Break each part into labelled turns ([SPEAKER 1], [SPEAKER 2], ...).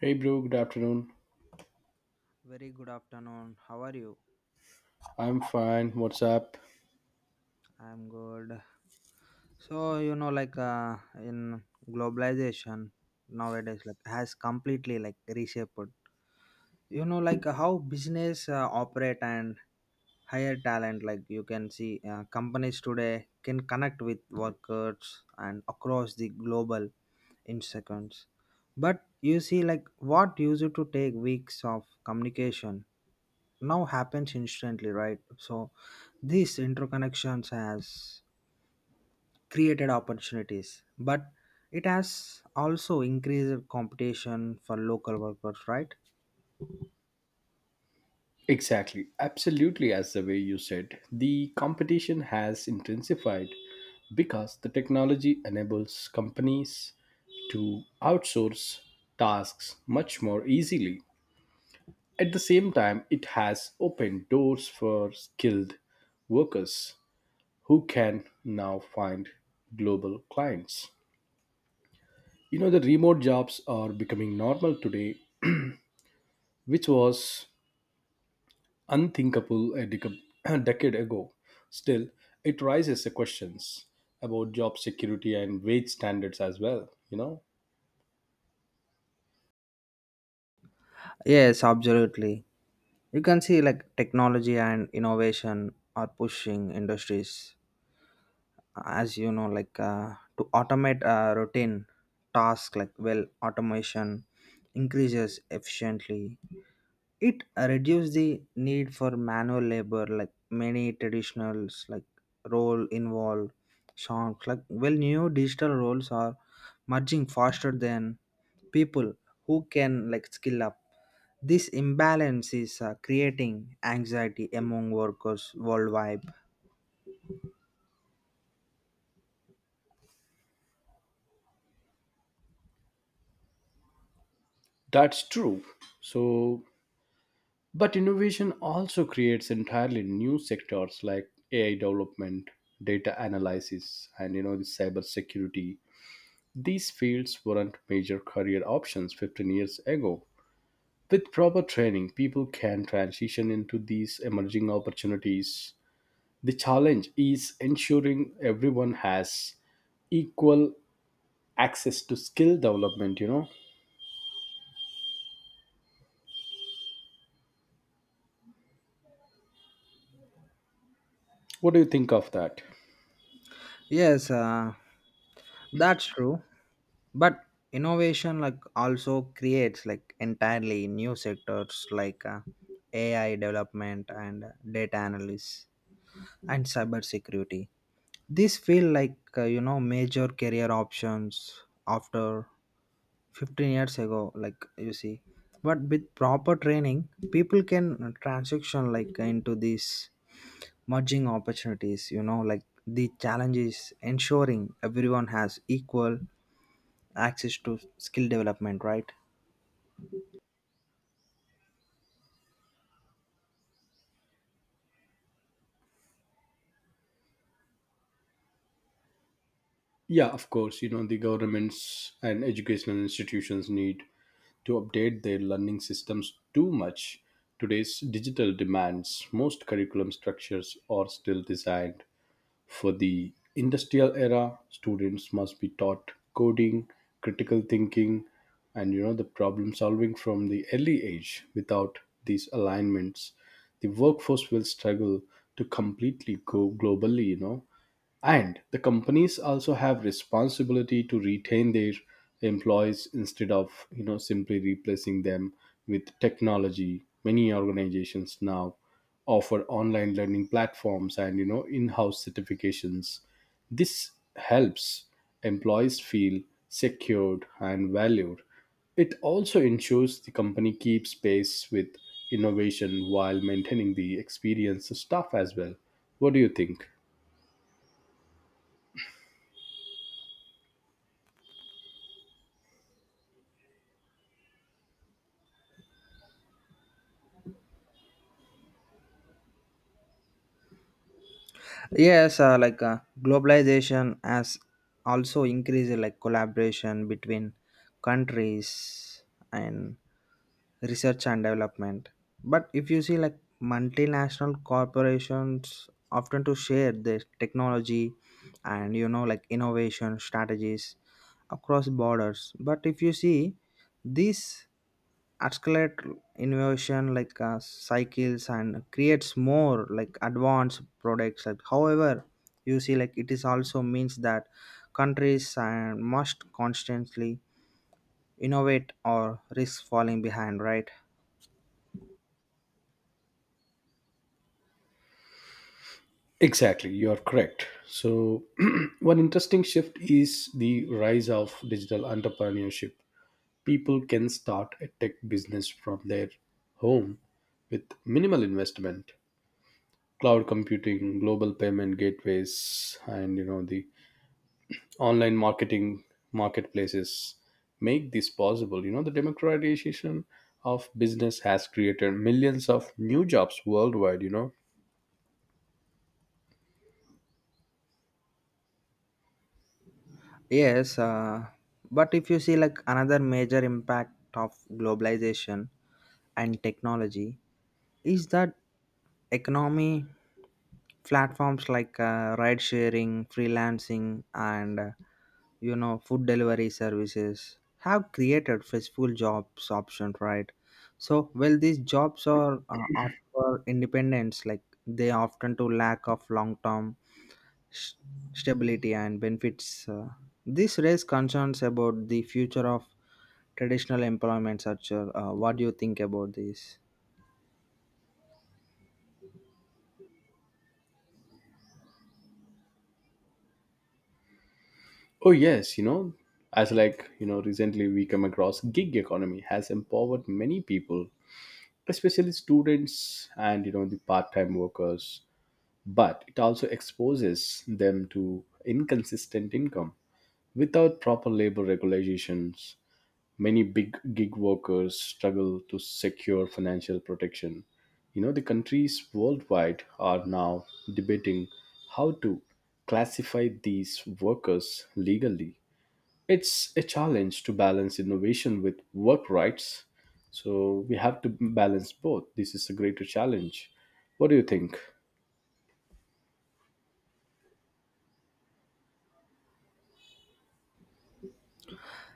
[SPEAKER 1] Hey bro, good afternoon.
[SPEAKER 2] Very good afternoon. How are you?
[SPEAKER 1] I'm fine. What's up?
[SPEAKER 2] I'm good. In globalization nowadays, has completely reshaped. How business operate and hire talent. You can see, companies today can connect with workers and across the global in seconds. But you see, like what used to take weeks of communication now happens instantly, right? So, these interconnections has created opportunities, but it has also increased competition for local workers, right?
[SPEAKER 1] Exactly. Absolutely, as the way you said. The competition has intensified because the technology enables companies to outsource tasks much more easily. At the same time, it has opened doors for skilled workers who can now find global clients. You know, the remote jobs are becoming normal today, which was unthinkable a dec- decade ago. Still, it raises the questions about job security and wage standards as well. You know,
[SPEAKER 2] Yes, absolutely. You can see like technology and innovation are pushing industries, as you know, to automate routine tasks like well automation increases efficiently, it reduces the need for manual labor like many traditionals like role involved songs like well new digital roles are merging faster than people who can like skill up. This imbalance is creating anxiety among workers worldwide.
[SPEAKER 1] that's true. So, but innovation also creates entirely new sectors like AI development, data analysis, and you know, the cyber security. These fields weren't major career options 15 years ago. With proper training, people can transition into these emerging opportunities. The challenge is ensuring everyone has equal access to skill development, you know. What do you think of that?
[SPEAKER 2] yes uh, that's true, but innovation like also creates like entirely new sectors AI development and data analysis and cyber security. These feel you know, major career options after 15 years ago, like you see, but with proper training people can transition like into these merging opportunities, you know, like the challenge is ensuring everyone has equal access to skill development, right?
[SPEAKER 1] Yeah, of course, you know, the governments and educational institutions need to update their learning systems too much. Today's digital demands, most curriculum structures are still designed for the industrial era. Students must be taught coding, critical thinking, and you know the problem solving from the early age. Without these alignments, the workforce will struggle to completely go globally. You know, and the companies also have responsibility to retain their employees instead of you know simply replacing them with technology. Many organizations now offer online learning platforms and you know in-house certifications. This helps employees feel secured and valued. It also ensures the company keeps pace with innovation while maintaining the experienced staff as well. What do you think?
[SPEAKER 2] Yes, globalization has also increased like collaboration between countries and research and development. But if you see like multinational corporations often to share their technology and you know like innovation strategies across borders. But if you see these accelerate innovation cycles and creates more like advanced products, like however you see, like it is also means that countries and must constantly innovate or risk falling behind, right?
[SPEAKER 1] Exactly, you are correct. So, one interesting shift is the rise of digital entrepreneurship. People can start a tech business from their home with minimal investment. Cloud computing, global payment gateways, and you know the online marketing marketplaces make this possible. You know the democratization of business has created millions of new jobs worldwide.
[SPEAKER 2] yes uh, but if you see like another major impact of globalization and technology is that economy platforms ride sharing, freelancing, and you know, food delivery services have created flexible jobs option, right? So well these jobs are offer independence, like they often to lack of long term s- stability and benefits. This raise concerns about the future of traditional employment structure. What do you think about this?
[SPEAKER 1] Oh yes, you know, as like, you know, recently we come across gig economy has empowered many people, especially students and you know the part-time workers, but it also exposes them to inconsistent income without proper labor regulations. Many big gig workers struggle to secure financial protection. You know, the countries worldwide are now debating how to classify these workers legally. It's a challenge to balance innovation with work rights. So we have to balance both. This is a greater challenge. What do you think?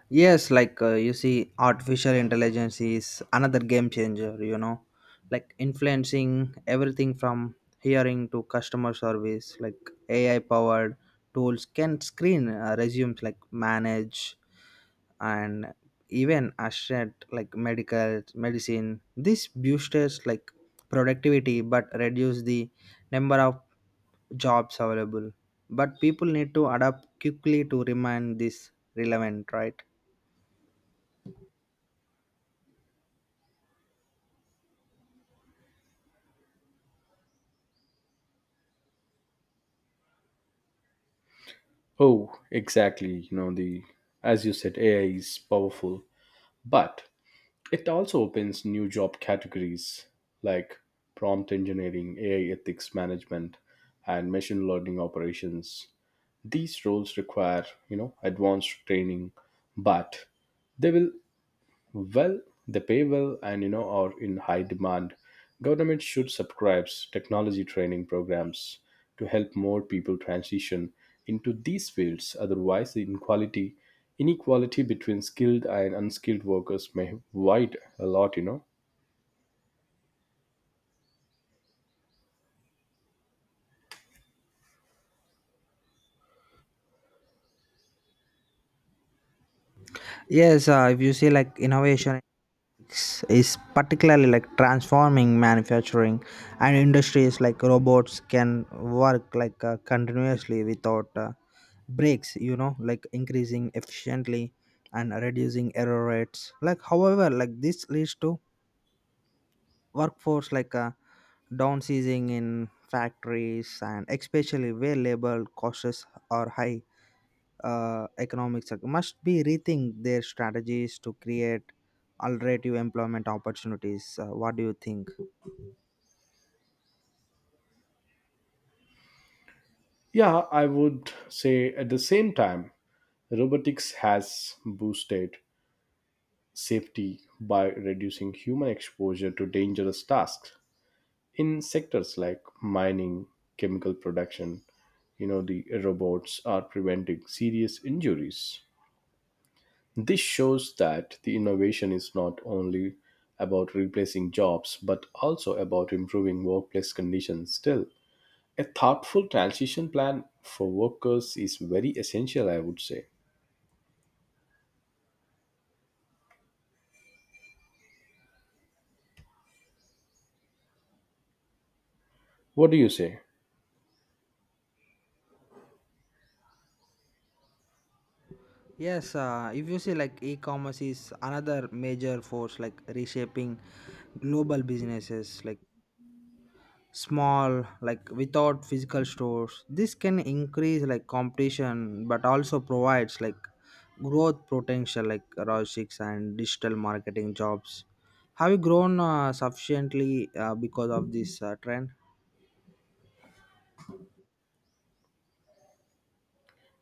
[SPEAKER 2] Yes, you see, artificial intelligence is another game changer, you know, like influencing everything from hearing to customer service. Like AI powered tools can screen resumes, like manage and even assert like medical medicine. This boosters like productivity but reduce the number of jobs available. But people need to adapt quickly to remain this relevant, right?
[SPEAKER 1] Oh exactly, you know, the as you said AI is powerful, but it also opens new job categories like prompt engineering, AI ethics management, and machine learning operations. These roles require you know advanced training, but they will Well, they pay well and you know are in high demand. Government should subscribe technology training programs to help more people transition into these fields. Otherwise, the inequality between skilled and unskilled workers may widen a lot. You know.
[SPEAKER 2] Yes, if you see like innovation is particularly like transforming manufacturing and industries like robots can work continuously without breaks, you know, like increasing efficiently and reducing error rates. Like however, like this leads to workforce down seizing in factories, and especially where labor costs are high, economic sector must be rethink their strategies to create alternative employment opportunities. What do you think?
[SPEAKER 1] Yeah, I would say at the same time, robotics has boosted safety by reducing human exposure to dangerous tasks in sectors like mining, chemical production, you know the robots are preventing serious injuries. This shows that the innovation is not only about replacing jobs but also about improving workplace conditions. Still, a thoughtful transition plan for workers is very essential, I would say. What do you say?
[SPEAKER 2] Yes, if you see like e-commerce is another major force like reshaping global businesses like small like without physical stores, this can increase like competition but also provides like growth potential like robotics and digital marketing jobs have you grown sufficiently because of this trend.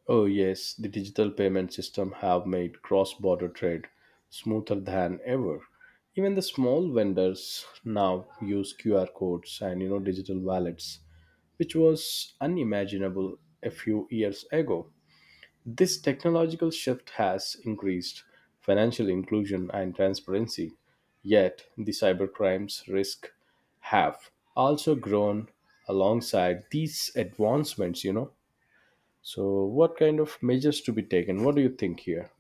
[SPEAKER 1] Oh yes, the digital payment system have made cross border trade smoother than ever. Even the small vendors now use QR codes and you know digital wallets, which was unimaginable a few years ago. This technological shift has increased financial inclusion and transparency, yet, the cybercrimes risk have also grown alongside these advancements, you know. So, what kind of measures to be taken? What do you think here?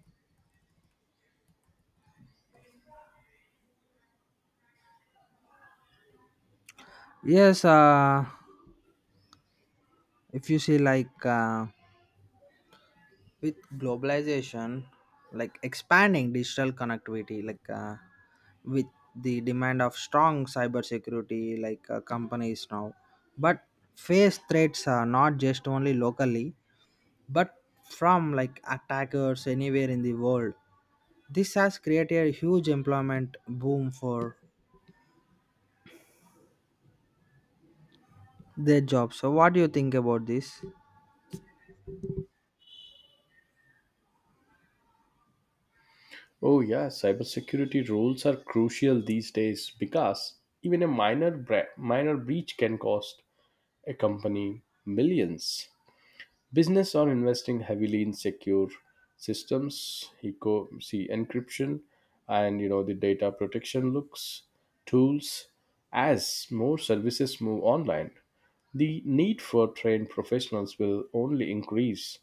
[SPEAKER 2] Yes if you see like With globalization like expanding digital connectivity with the demand of strong cybersecurity, companies now but face threats are not just only locally, but from like attackers anywhere in the world. This has created a huge employment boom for their jobs. So what do you think about this?
[SPEAKER 1] Oh, yeah, cybersecurity rules are crucial these days because even a minor breach can cost a company millions. Business are investing heavily in secure systems, eco see encryption, and you know the data protection looks tools. As more services move online, the need for trained professionals will only increase.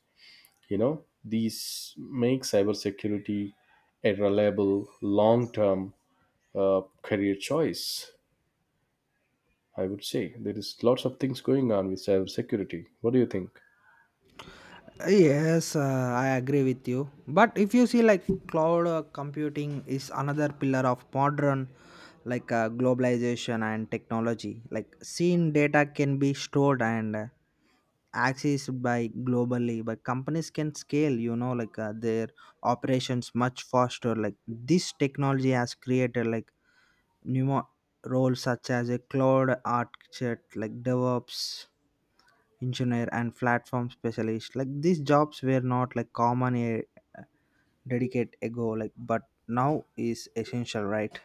[SPEAKER 1] You know these make cybersecurity a reliable, long-term career choice. I would say there is lots of things going on with cybersecurity. What do you think?
[SPEAKER 2] Yes, I agree with you. But if you see, like cloud computing is another pillar of modern, globalization and technology. Like seen data can be stored and accessed by globally, but companies can scale. You know, their operations much faster. Like this technology has created like new mo- roles such as a cloud architect, like DevOps engineer and platform specialist, like these jobs were not like common a dedicate ago, like but now is essential, right?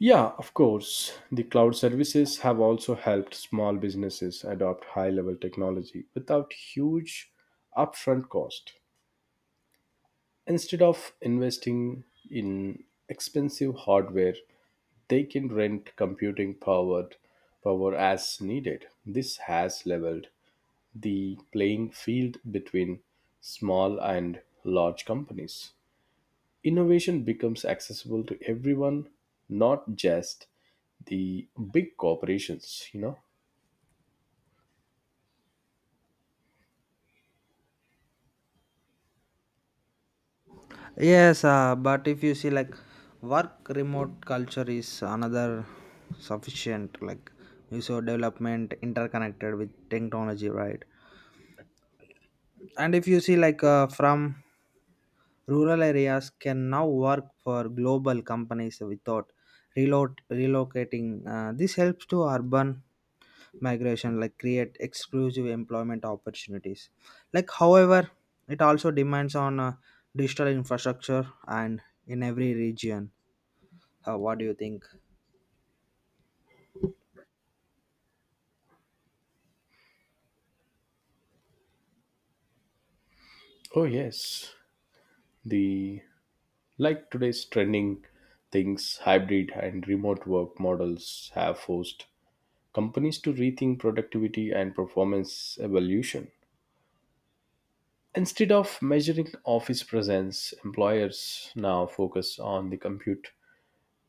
[SPEAKER 1] Yeah, of course. The cloud services have also helped small businesses adopt high level technology without huge upfront cost. Instead of investing in expensive hardware, they can rent computing power as needed. This has leveled the playing field between small and large companies. Innovation becomes accessible to everyone, not just the big corporations, you know.
[SPEAKER 2] Yes but if you see like work remote culture is another sufficient like you saw development interconnected with technology, right? And if you see from rural areas can now work for global companies without reload relocating. This helps to urban migration, like create exclusive employment opportunities, like however it also demands on digital infrastructure and in every region. What do you think?
[SPEAKER 1] Oh yes, the like today's trending things hybrid and remote work models have forced companies to rethink productivity and performance evolution. Instead of measuring office presence, employers now focus on the compute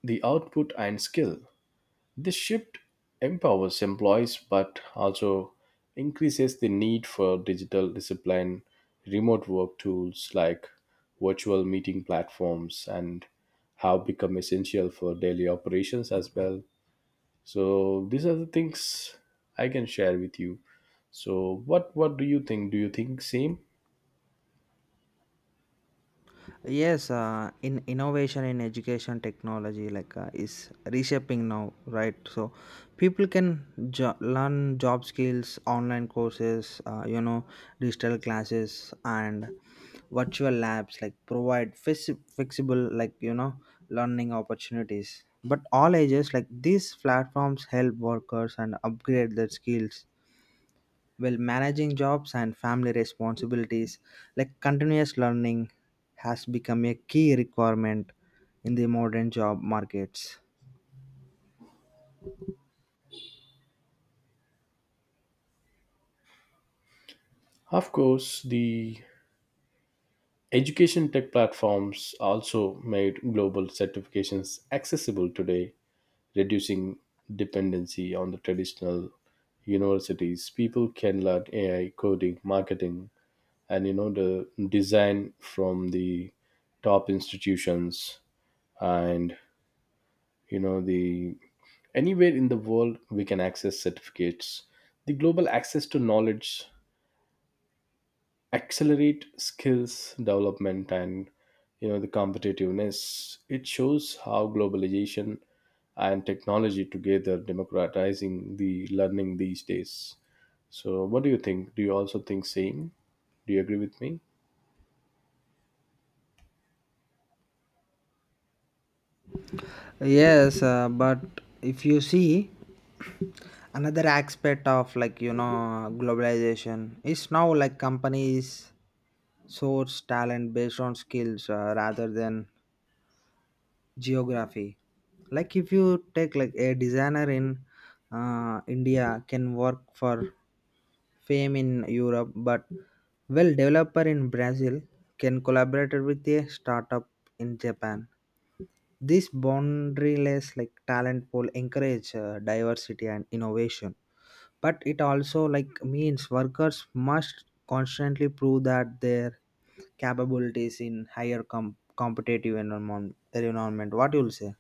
[SPEAKER 1] the output and skill. This shift empowers employees but also increases the need for digital discipline. Remote work tools like virtual meeting platforms, and have become essential for daily operations as well. So these are the things I can share with you. So what do you think? Do you think same?
[SPEAKER 2] Yes, in innovation in education technology is reshaping now, right? So people can learn job skills, online courses, you know, digital classes and virtual labs like provide flexible, like you know, learning opportunities. But all ages, like these platforms help workers and upgrade their skills well, managing jobs and family responsibilities, like continuous learning, has become a key requirement in the modern job markets.
[SPEAKER 1] Of course, the education tech platforms also made global certifications accessible today, reducing dependency on the traditional universities. People can learn AI coding, marketing, and you know the design from the top institutions, and you know the anywhere in the world we can access certificates. The global access to knowledge accelerate skills development and you know the competitiveness. It shows how globalization and technology together democratizing the learning these days. So what do you think? Do you also think same? Do you agree with me?
[SPEAKER 2] Yes, but if you see another aspect of like you know globalization is now like companies source talent based on skills rather than geography. Like if you take like a designer in India can work for fame in Europe, but well developer in Brazil can collaborate with a startup in Japan. This boundaryless like talent pool encourage diversity and innovation, but it also like means workers must constantly prove that their capabilities in higher competitive environment. What you'll say?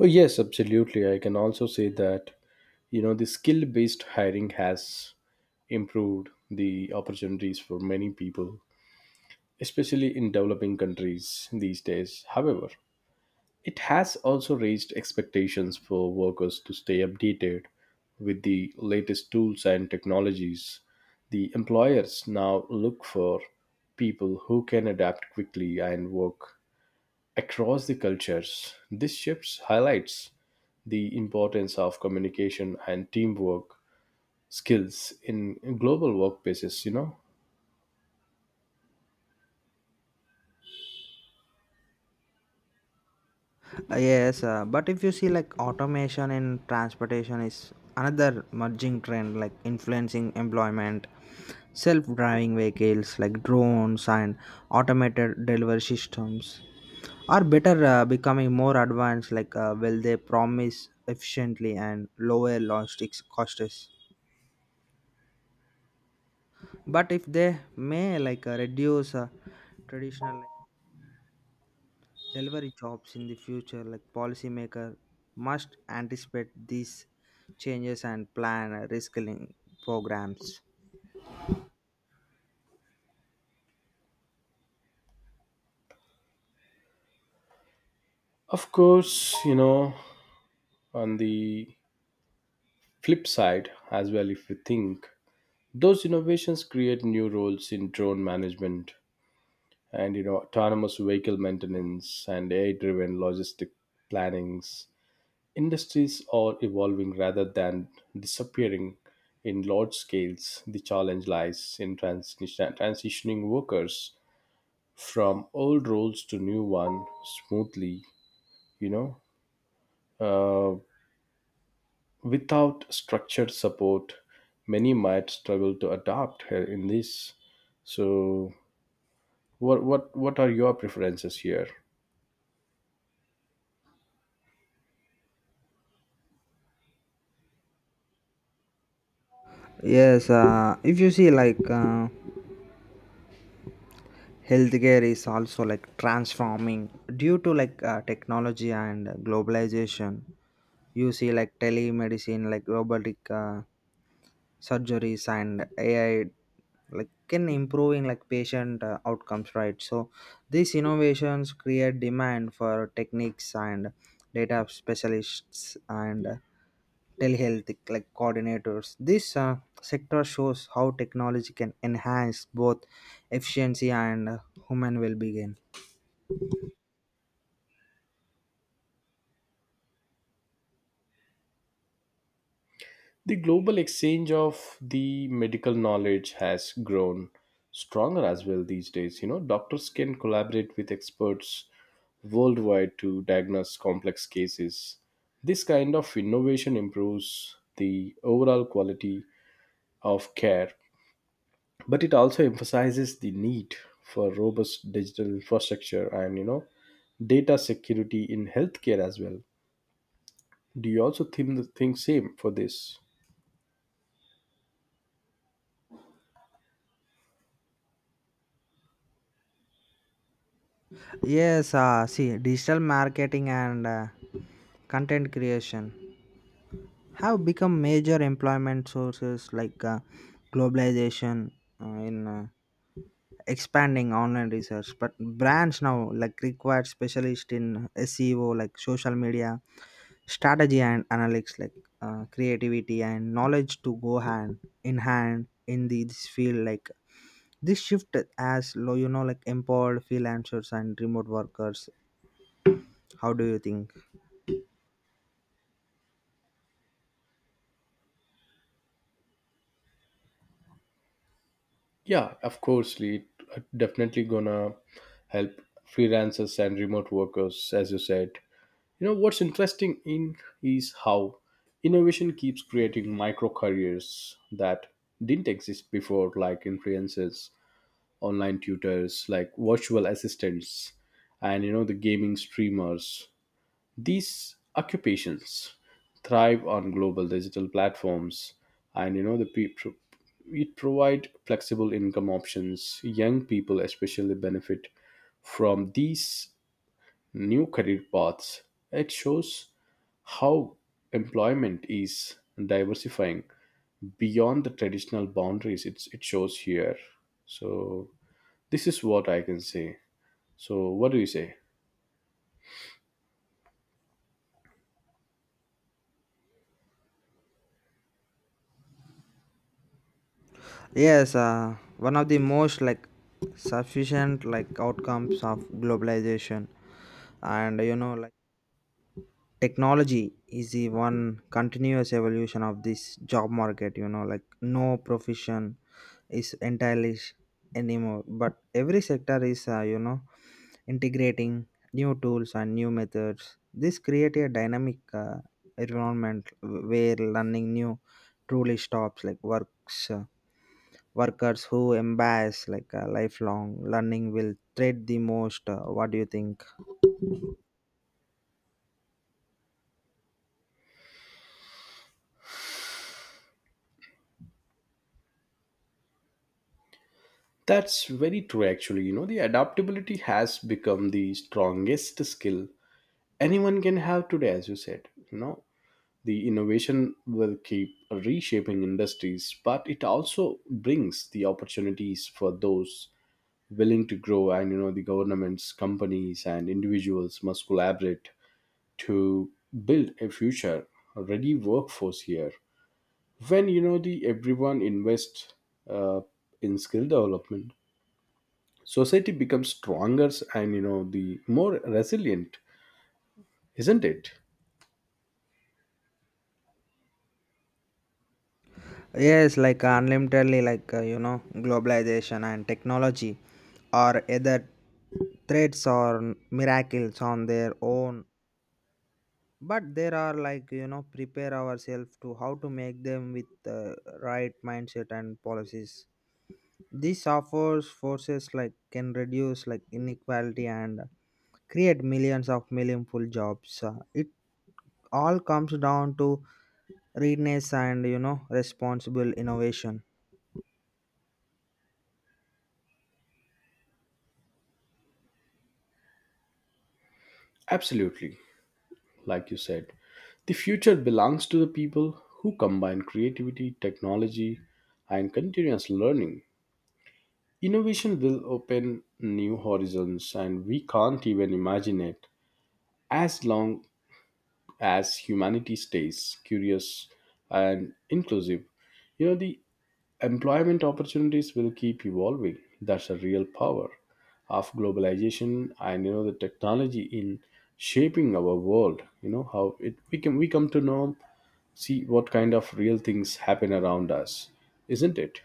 [SPEAKER 1] Oh yes, absolutely, I can also say that, you know, the skill based hiring has improved the opportunities for many people, especially in developing countries these days. However, it has also raised expectations for workers to stay updated with the latest tools and technologies. The employers now look for people who can adapt quickly and work across the cultures. This shift highlights the importance of communication and teamwork skills in global workplaces, you know.
[SPEAKER 2] Yes, but if you see like automation in transportation is another merging trend like influencing employment, self-driving vehicles like drones and automated delivery systems are better becoming more advanced, will they promise efficiently and lower logistics costs, but if they may reduce traditional delivery jobs in the future, like policymaker must anticipate these changes and plan reskilling programs.
[SPEAKER 1] Of course, you know, on the flip side as well, if we think. Those innovations create new roles in drone management and you know autonomous vehicle maintenance and AI-driven logistic plannings. Industries are evolving rather than disappearing in large scales. The challenge lies in transitioning workers from old roles to new one smoothly, you know, uh, without structured support, many might struggle to adapt in this. So what are your preferences here?
[SPEAKER 2] Yes if you see like Healthcare is also like transforming due to technology and globalization. You see like telemedicine, like robotic surgeries and AI like can improving like patient outcomes, right? So these innovations create demand for techniques and data specialists and telehealth like coordinators. This sector shows how technology can enhance both efficiency and human well-being.
[SPEAKER 1] The global exchange of the medical knowledge has grown stronger as well these days. You know, doctors can collaborate with experts worldwide to diagnose complex cases. This kind of innovation improves the overall quality of care, but it also emphasizes the need for robust digital infrastructure and you know data security in healthcare as well. Do you also think same for this?
[SPEAKER 2] Yes See digital marketing and content creation have become major employment sources globalization in expanding online research, but brands now like require specialist in SEO, like social media strategy and analytics, creativity and knowledge to go hand in hand in this field, like this shift as low, you know, like empowered freelancers and remote workers. How do you think?
[SPEAKER 1] Yeah, of course, Lee. It definitely gonna help freelancers and remote workers, as you said. You know what's interesting in is how innovation keeps creating micro careers that didn't exist before, like influencers, online tutors, like virtual assistants, and you know the gaming streamers. These occupations thrive on global digital platforms, and you know the people it provide flexible income options. Young people especially benefit from these new career paths. It shows how employment is diversifying beyond the traditional boundaries. It shows here. So this is what I can say. So what do you say?
[SPEAKER 2] Yes, one of the most like sufficient like outcomes of globalization and you know like technology is the one continuous evolution of this job market, you know, like no profession is entirely anymore, but every sector is you know, integrating new tools and new methods. This create a dynamic environment where learning new truly stops like works. Workers who embrace lifelong learning will trade the most. Uh, what do you think?
[SPEAKER 1] That's very true, actually. You know, the adaptability has become the strongest skill anyone can have today, as you said. You know, the innovation will keep reshaping industries, but it also brings the opportunities for those willing to grow. And, you know, the governments, companies, and individuals must collaborate to build a future ready workforce here. When, you know, the everyone invests uh, in skill development, society becomes stronger and you know the more resilient, isn't it?
[SPEAKER 2] Unlimitedly, you know, globalization and technology are either threats or miracles on their own, but there are, like you know, prepare ourselves to how to make them with the right mindset and policies. This offers forces like can reduce like inequality and create millions of meaningful jobs. It all comes down to readiness and you know responsible innovation.
[SPEAKER 1] Absolutely, like you said, the future belongs to the people who combine creativity, technology, and continuous learning. Innovation will open new horizons and we can't even imagine it, as long as humanity stays curious and inclusive. You know the employment opportunities will keep evolving. That's a real power of globalization and you know the technology in shaping our world. You know how it we can we come to know see what kind of real things happen around us, isn't it?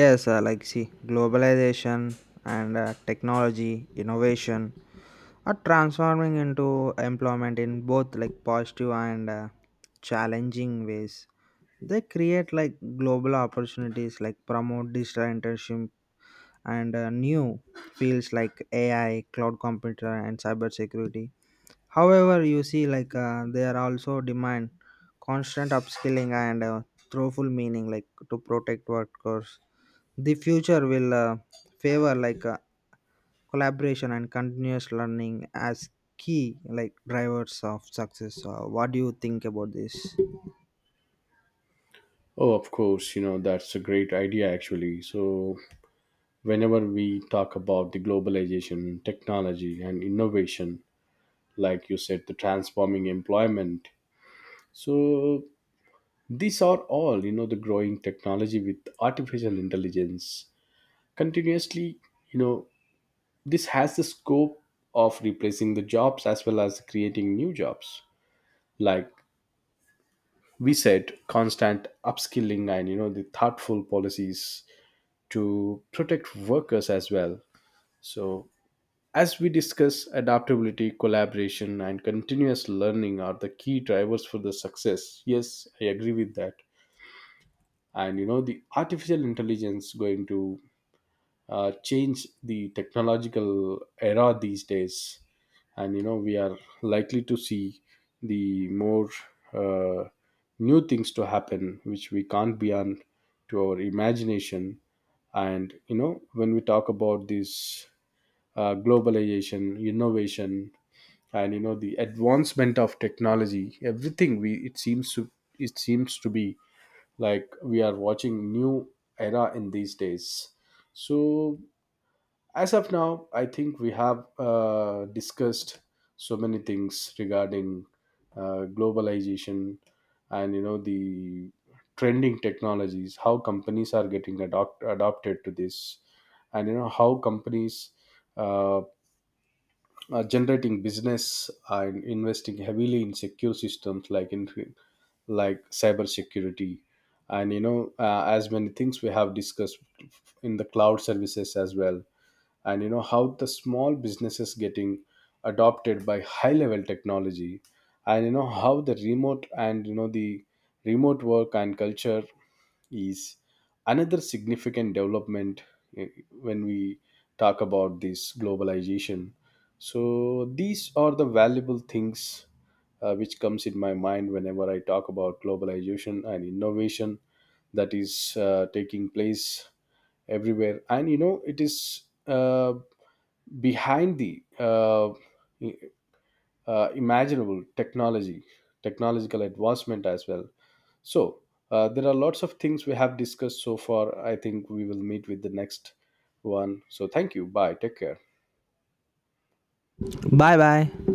[SPEAKER 2] See globalization and technology innovation are transforming into employment in both like positive and challenging ways. They create like global opportunities, like promote digital internship and new fields like AI, cloud computer, and cybersecurity. However, you see, they are also demand constant upskilling and thoughtful meaning, like to protect workers. The future will favor collaboration and continuous learning as key like drivers of success. What do you think about this?
[SPEAKER 1] Oh, of course, you know, that's a great idea actually. So, whenever we talk about the globalization, technology, and innovation, like you said, the transforming employment, so these are all, you know, the growing technology with artificial intelligence continuously, you know, this has the scope of replacing the jobs as well as creating new jobs. Like we said, constant upskilling and, you know, the thoughtful policies to protect workers as well. So, as we discuss, adaptability, collaboration, and continuous learning are the key drivers for the success. Yes, I agree with that. And you know, the artificial intelligence going to change the technological era these days, and you know we are likely to see the more uh, new things to happen which we can't beyond to our imagination. And you know when we talk about this globalization innovation and you know the advancement of technology, everything we it seems to be like we are watching new era in these days. So, as of now, I think we have discussed so many things regarding globalization and you know the trending technologies, how companies are getting adopted to this, and you know how companies uh, are generating business and investing heavily in secure systems like in like cybersecurity, and you know as many things we have discussed in the cloud services as well, and you know how the small businesses getting adopted by high level technology, and you know how the remote and you know the remote work and culture is another significant development, eh, when we talk about this globalization. So these are the valuable things which comes in my mind whenever I talk about globalization and innovation that is taking place everywhere, and you know it is behind the imaginable technology technological advancement as well. So there are lots of things we have discussed so far. I think we will meet with the next one. So thank you, bye, take care.
[SPEAKER 2] Bye bye.